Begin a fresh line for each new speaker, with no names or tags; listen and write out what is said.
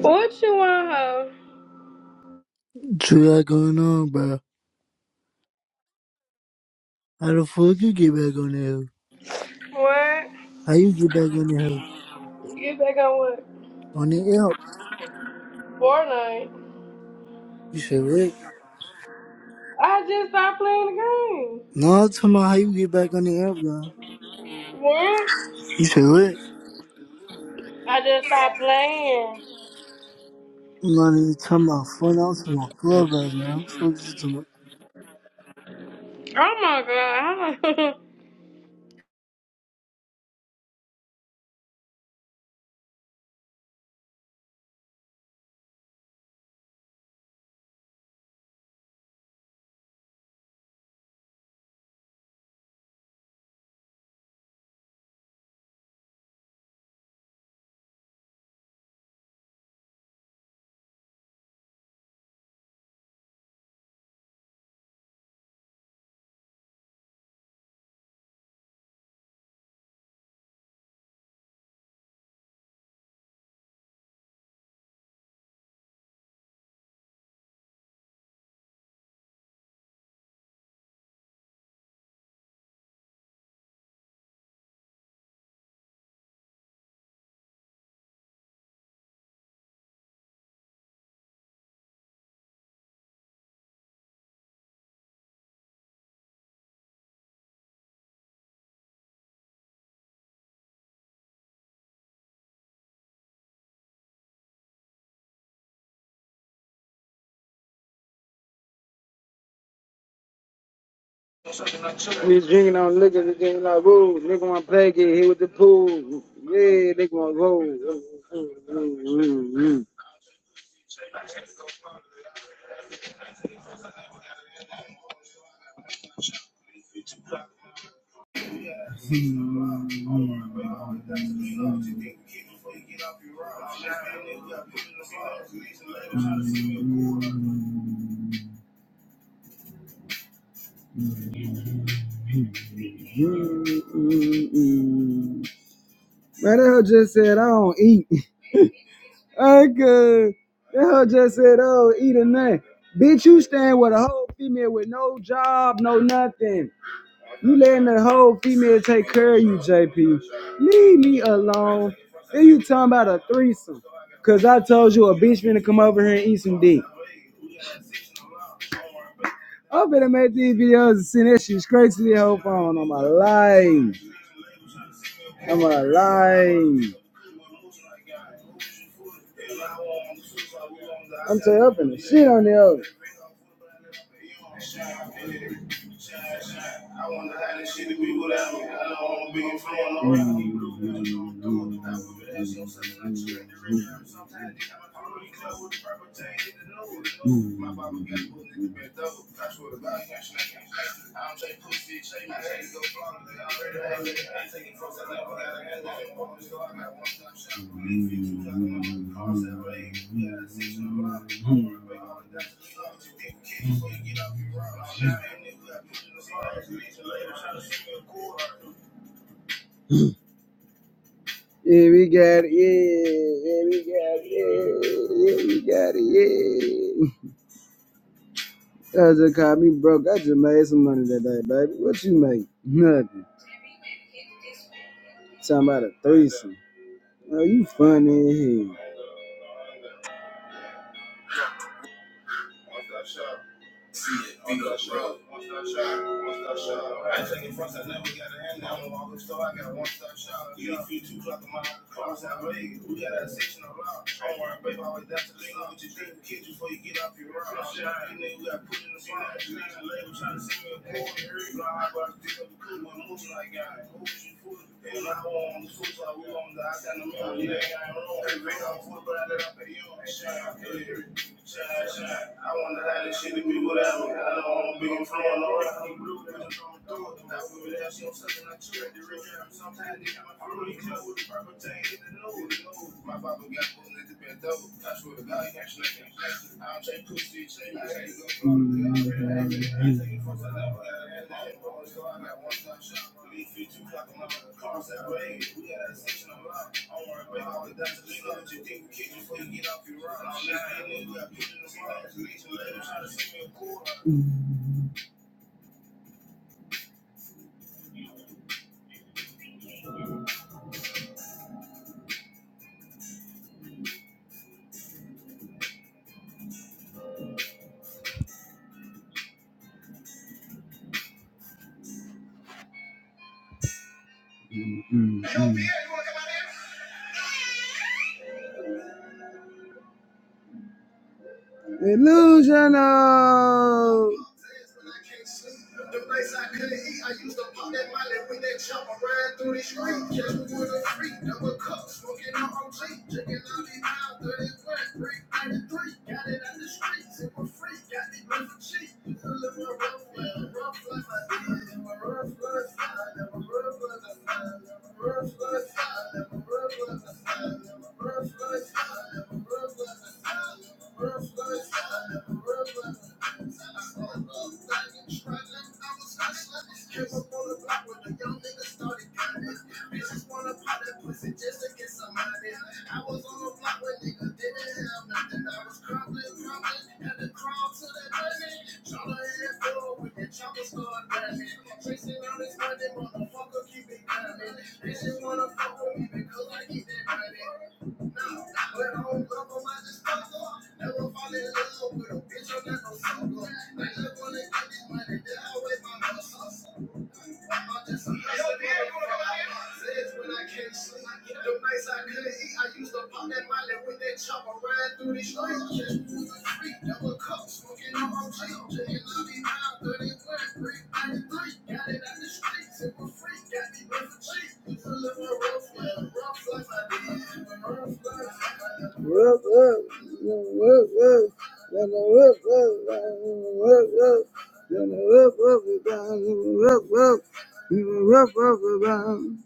What you want, huh?
True, I going on, bro. How the fuck you get back on the hill?
What?
How you get back on the hill?
Get back on what?
On the app.
Fortnite.
You said what?
I just stopped playing the game.
No, I'm talking about how you get back on the app, bro.
What?
You said what?
I just stopped playing.
No, I'm not even talking about fun. I'm talking about clubhouse, man. I'm talking
Oh my god.
We was drinking on liquor, the game like, whoa, nigga wanna play, get hit with the pool. Yeah, nigga wanna roll. Man, that hoe just said, I don't eat. I could. That hoe just said, I don't eat or nothing. Bitch, you stand with a whole female with no job, no nothing. You letting the whole female take care of you, JP. Leave me alone. Then you talking about a threesome. Cause I told you a bitch finna come over here and eat some dick. I've been making these videos and seen that shit straight to the whole phone on my life. On my life. I'm tearing up in the shit on the other. Yeah, we got it. Yeah, we got it. Yeah, we got it. Yeah. I just called me broke. I just made some money that day, baby. What you make? Nothing. Talking about a threesome. Oh, you funny as hell. Mm. Illusional. Whoa, whoa, whoa, whoa. Gonna whoop, whoop, whoop, whoop. Gonna whoop, whoop, whoop, whoop, whoop. Gonna whoop, whoop, whoop, whoop.